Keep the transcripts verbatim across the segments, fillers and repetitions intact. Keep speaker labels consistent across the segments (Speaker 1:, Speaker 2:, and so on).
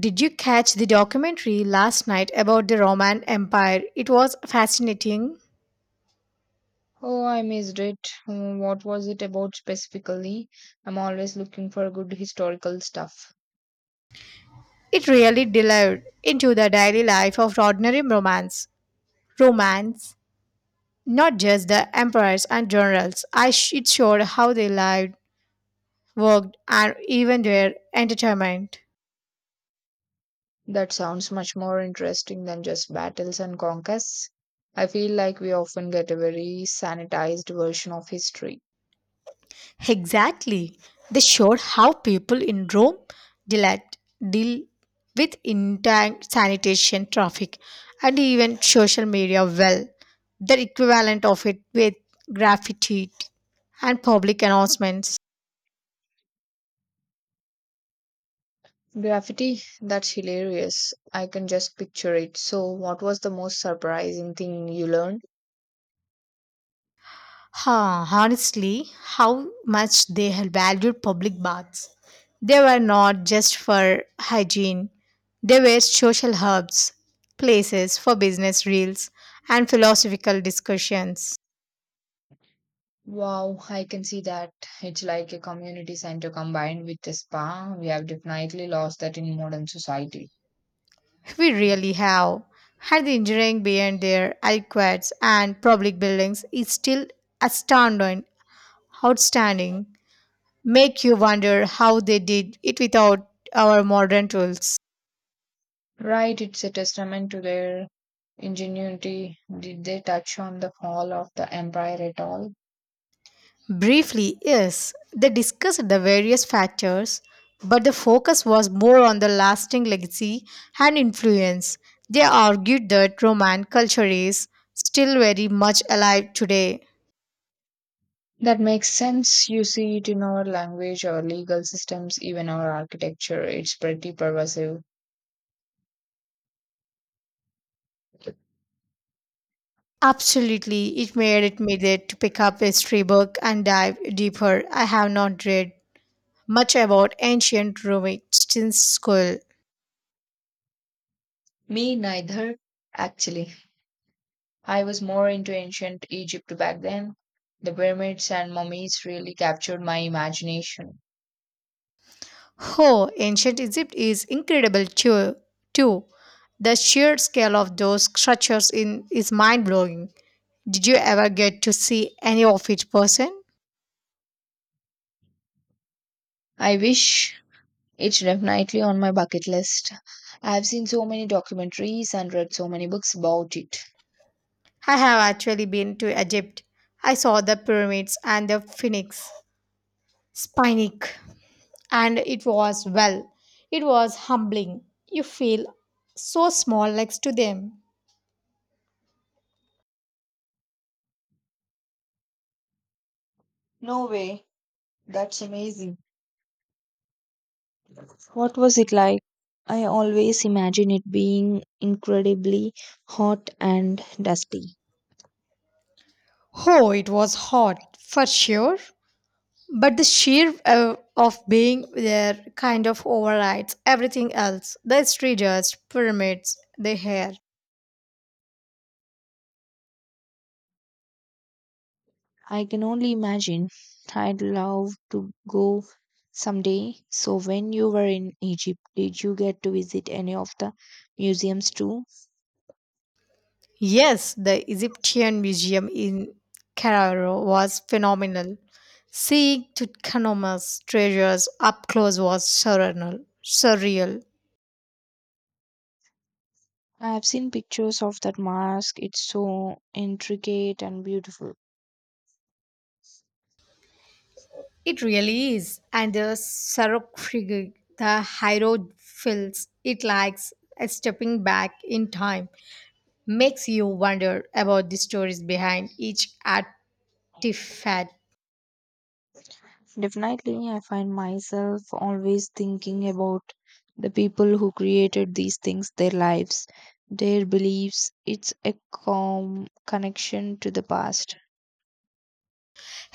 Speaker 1: Did you catch the documentary last night about the Roman Empire? It was fascinating.
Speaker 2: Oh, I missed it. Uh, What was it about specifically? I'm always looking for good historical stuff.
Speaker 1: It really delved into the daily life of ordinary Romans. Romans, not just the emperors and generals. I sh- it showed how they lived, worked, and even their entertainment.
Speaker 2: That sounds much more interesting than just battles and conquests. I feel like we often get a very sanitized version of history.
Speaker 1: Exactly. They showed how people in Rome deal, deal with intan- sanitation, traffic, and even social media well. The equivalent of it with graffiti and public announcements.
Speaker 2: Graffiti? That's hilarious. I can just picture it. So, what was the most surprising thing you learned?
Speaker 1: Huh, honestly, how much they had valued public baths. They were not just for hygiene, they were social hubs, places for business reels, and philosophical discussions.
Speaker 2: Wow, I can see that. It's like a community center combined with a spa. We have definitely lost that in modern society.
Speaker 1: We really have. Had the engineering behind their aqueducts and public buildings is still astounding, outstanding. Make you wonder how they did it without our modern tools.
Speaker 2: Right, it's a testament to their ingenuity. Did they touch on the fall of the empire at all?
Speaker 1: Briefly, yes, they discussed the various factors, but the focus was more on the lasting legacy and influence. They argued that Roman culture is still very much alive today.
Speaker 2: That makes sense. You see it in our language, our legal systems, even our architecture. It's pretty pervasive.
Speaker 1: Absolutely, it made it made it to pick up history book and dive deeper. I have not read much about ancient Rome since school.
Speaker 2: Me neither, actually. I was more into ancient Egypt back then. The pyramids and mummies really captured my imagination.
Speaker 1: Oh, ancient Egypt is incredible too. too. The sheer scale of those structures in is mind blowing. Did you ever get to see any of it person?
Speaker 2: I wish, it's definitely on my bucket list. I've seen so many documentaries and read so many books about it.
Speaker 1: I have actually been to Egypt. I saw the pyramids and the Phoenix. Spinic. And it was well, it was humbling. You feel so small next to them.
Speaker 2: No way. That's amazing. What was it like? I always imagine it being incredibly hot and dusty.
Speaker 1: Oh, it was hot for sure, but the sheer uh, of being there kind of overrides everything else, the strangers pyramids, the hair.
Speaker 2: I can only imagine. I'd love to go someday. So, when you were in Egypt, did you get to visit any of the museums too?
Speaker 1: Yes, the Egyptian museum in Cairo was phenomenal. Seeing Tutankhamun's treasures up close was surreal surreal
Speaker 2: I have seen pictures of that mask. It's so intricate and beautiful.
Speaker 1: It really is. And the sarcophagus, the hierophils, it likes a stepping back in time, makes you wonder about the stories behind each artifact.
Speaker 2: Definitely, I find myself always thinking about the people who created these things, their lives, their beliefs. It's a calm connection to the past.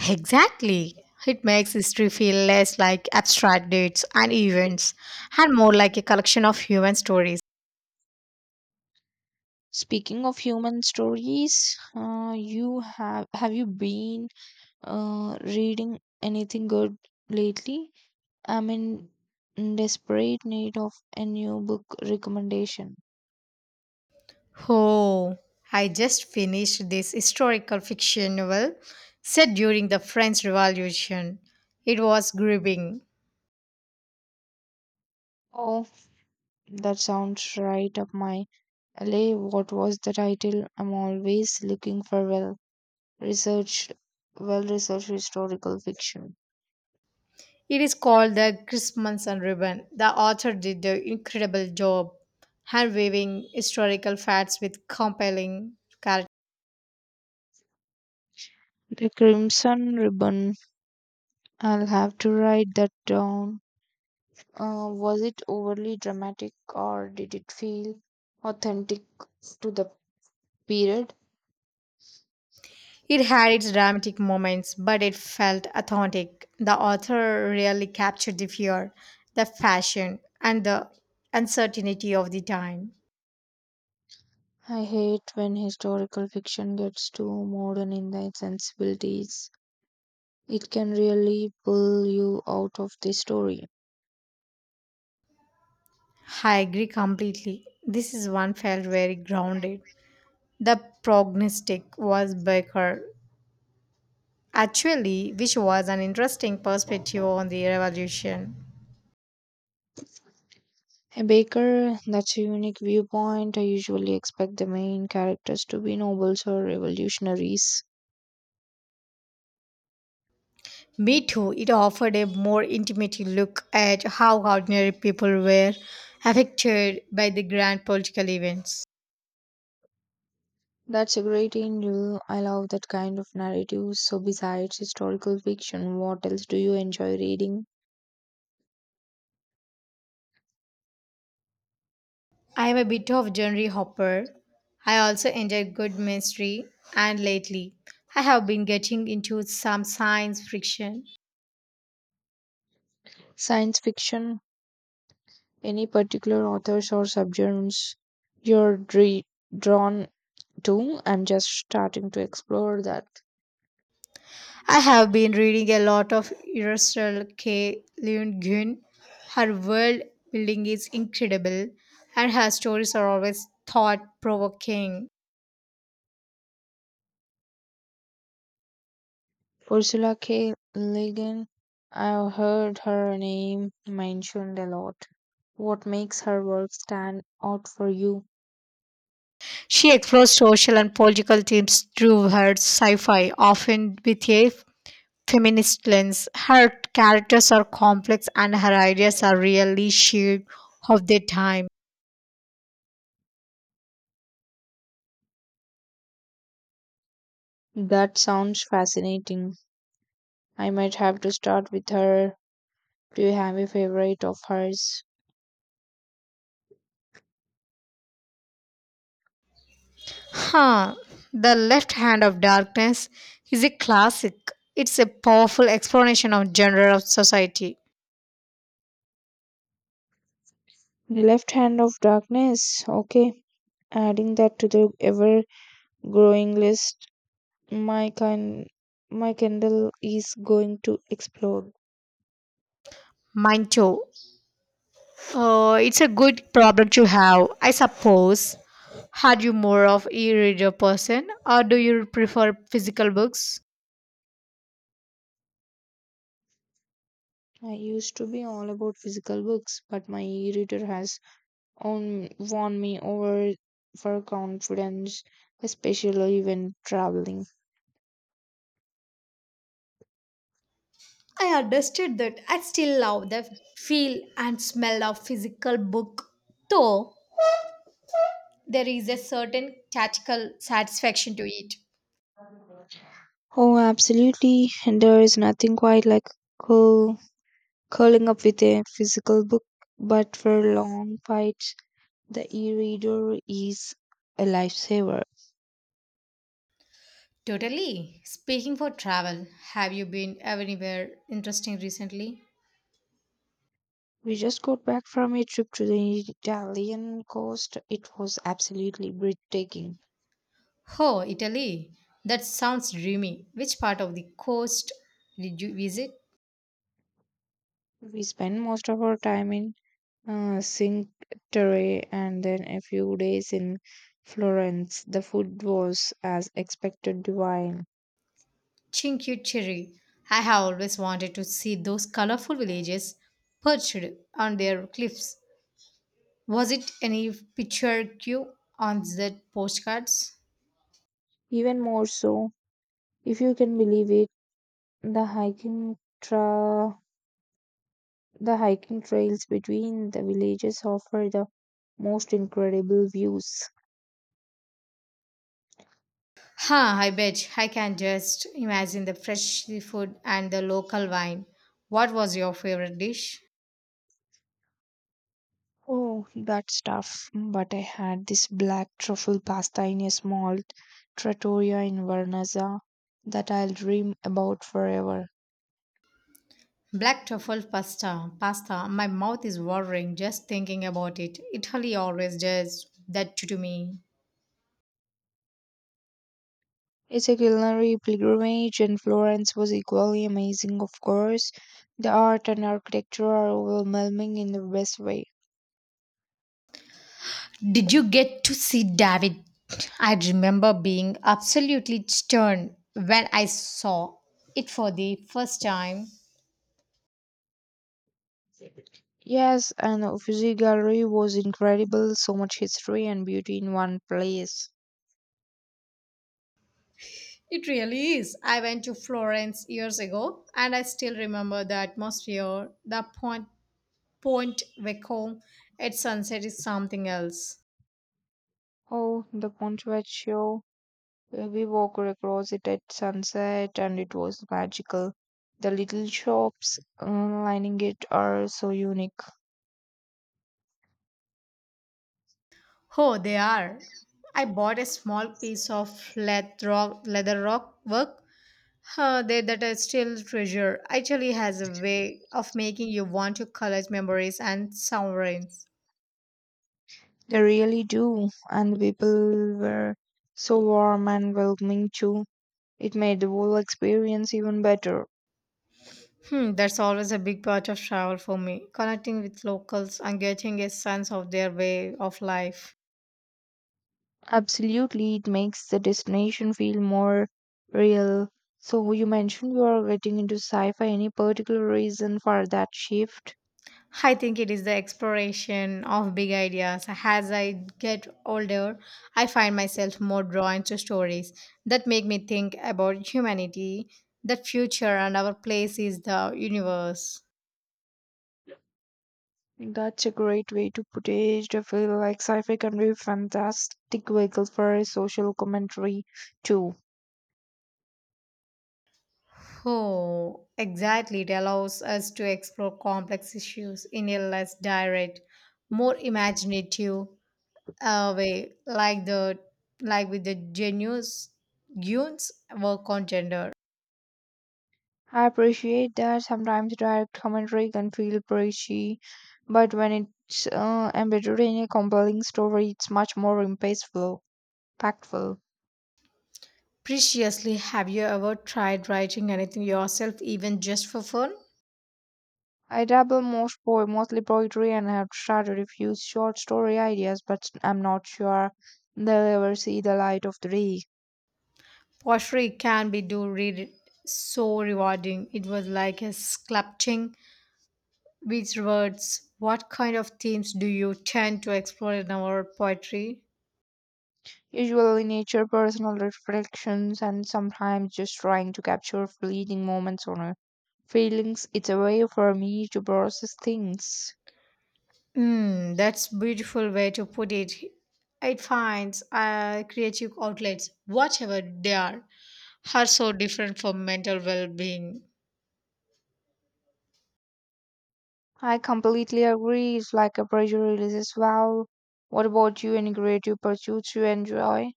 Speaker 1: Exactly. It makes history feel less like abstract dates and events and more like a collection of human stories.
Speaker 2: Speaking of human stories, uh, you have have you been uh, reading anything good lately? I'm in desperate need of a new book recommendation.
Speaker 1: Oh, I just finished this historical fiction novel set during the French Revolution. It was gripping.
Speaker 2: Oh, that sounds right up my alley. What was the title? I'm always looking for well research, well researched historical fiction.
Speaker 1: It is called the Christmas and Ribbon. The author did an incredible job hand-weaving historical facts with compelling character.
Speaker 2: The Crimson Ribbon. I'll have to write that down. Uh, was it overly dramatic or did it feel authentic to the period?
Speaker 1: It had its dramatic moments, but it felt authentic. The author really captured the fear, the fashion, and the uncertainty of the time.
Speaker 2: I hate when historical fiction gets too modern in the sensibilities. It can really pull you out of the story.
Speaker 1: I agree completely. This is one felt very grounded. The prognostic was Baker, actually, which was an interesting perspective on the revolution.
Speaker 2: A baker, that's a unique viewpoint. I usually expect the main characters to be nobles or revolutionaries.
Speaker 1: Me too. It offered a more intimate look at how ordinary people were affected by the grand political events.
Speaker 2: That's a great angle. I love that kind of narrative. So, besides historical fiction, what else do you enjoy reading?
Speaker 1: I am a bit of genre hopper. I also enjoy good mystery, and lately, I have been getting into some science fiction.
Speaker 2: Science fiction? Any particular authors or subgenres you're dre- drawn to? I'm just starting to explore that.
Speaker 1: I have been reading a lot of Ursula K. Le Guin. Her world building is incredible, and her stories are always thought provoking.
Speaker 2: Ursula K. Le Guin, I've heard her name mentioned a lot. What makes her work stand out for you?
Speaker 1: She explores social and political themes through her sci fi, often with a feminist lens. Her characters are complex and her ideas are really shared of their time.
Speaker 2: That sounds fascinating. I might have to start with her. Do you have a favorite of hers?
Speaker 1: Huh, The Left Hand of Darkness is a classic. It's a powerful explanation of genre of society.
Speaker 2: The Left Hand of Darkness. Okay, adding that to the ever growing list. My kind, my Kindle is going to explode.
Speaker 1: Mine too. Uh, it's a good problem to have, I suppose. Are you more of e-reader person or do you prefer physical books?
Speaker 2: I used to be all about physical books, but my e-reader has on won me over for confidence, especially when traveling.
Speaker 1: I understood that I still love the feel and smell of physical book, though there is a certain tactical satisfaction to it.
Speaker 2: Oh, absolutely. And there is nothing quite like curl, curling up with a physical book, but for long fights, the e reader is a lifesaver.
Speaker 1: Totally. Speaking for travel, have you been anywhere interesting recently?
Speaker 2: We just got back from a trip to the Italian coast. It was absolutely breathtaking.
Speaker 1: Oh, Italy. That sounds dreamy. Which part of the coast did you visit?
Speaker 2: We spent most of our time in uh, Cinque Terre, and then a few days in Florence. The food was, as expected, divine.
Speaker 1: Cinque Terre. I have always wanted to see those colorful villages perched on their cliffs. Was it any picture cue on the postcards?
Speaker 2: Even more so, if you can believe it, the hiking tra- the hiking trails between the villages offer the most incredible views.
Speaker 1: Huh, I bet. I can just imagine the fresh seafood and the local wine. What was your favorite dish?
Speaker 2: Oh, that stuff! But I had this black truffle pasta in a small trattoria in Vernazza that I'll dream about forever.
Speaker 1: Black truffle pasta. Pasta. My mouth is watering just thinking about it. Italy always does that to me.
Speaker 2: It's a culinary pilgrimage, and Florence was equally amazing, of course. The art and architecture are overwhelming in the best way.
Speaker 1: Did you get to see David? I remember being absolutely stunned when I saw it for the first time.
Speaker 2: Yes, and the Uffizi Gallery was incredible, so much history and beauty in one place.
Speaker 1: It really is. I went to Florence years ago and I still remember the atmosphere, the point, point Vecchio at sunset is something else.
Speaker 2: Oh, the Ponte Vecchio. We walked across it at sunset, and it was magical. The little shops uh, lining it are so unique.
Speaker 1: Oh, they are. I bought a small piece of leather rock, leather rock work uh, there that I still treasure. Actually has a way of making you want to collect memories and sovereigns.
Speaker 2: They really do, and the people were so warm and welcoming too. It made the whole experience even better.
Speaker 1: Hmm, that's always a big part of travel for me, connecting with locals and getting a sense of their way of life.
Speaker 2: Absolutely, it makes the destination feel more real. So, you mentioned you are getting into sci fi. Any particular reason for that shift?
Speaker 1: I think it is the exploration of big ideas. As I get older, I find myself more drawn to stories that make me think about humanity, the future, and our place in the universe.
Speaker 2: That's a great way to put it. I feel like sci fi can be a fantastic vehicle for a social commentary, too.
Speaker 1: Oh, exactly. It allows us to explore complex issues in a less direct, more imaginative uh, way, like the like with the genius Gunes' work on gender.
Speaker 2: I appreciate that sometimes direct commentary can feel preachy, but when it's uh, embedded in a compelling story, it's much more impactful. Impactful.
Speaker 1: Preciously, have you ever tried writing anything yourself, even just for fun?
Speaker 2: I dabble most po- mostly poetry and have started a few short story ideas, but I'm not sure they'll ever see the light of the day.
Speaker 1: Pottery can be do read it so rewarding. It was like a sculpting with words. What kind of themes do you tend to explore in our poetry?
Speaker 2: Usually nature, personal reflections, and sometimes just trying to capture fleeting moments or feelings. It's a way for me to process things.
Speaker 1: Mm, that's beautiful way to put it. It finds uh, creative outlets, whatever they are, are so different for mental well-being.
Speaker 2: I completely agree. It's like a pressure release as well. What about you? Any creative pursuits you enjoy?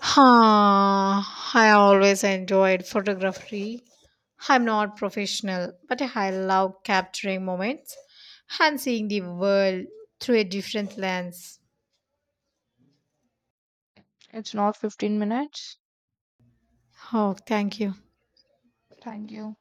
Speaker 1: Huh, I always enjoyed photography. I'm not professional, but I love capturing moments and seeing the world through a different lens.
Speaker 2: It's not fifteen minutes.
Speaker 1: Oh, thank you.
Speaker 2: Thank you.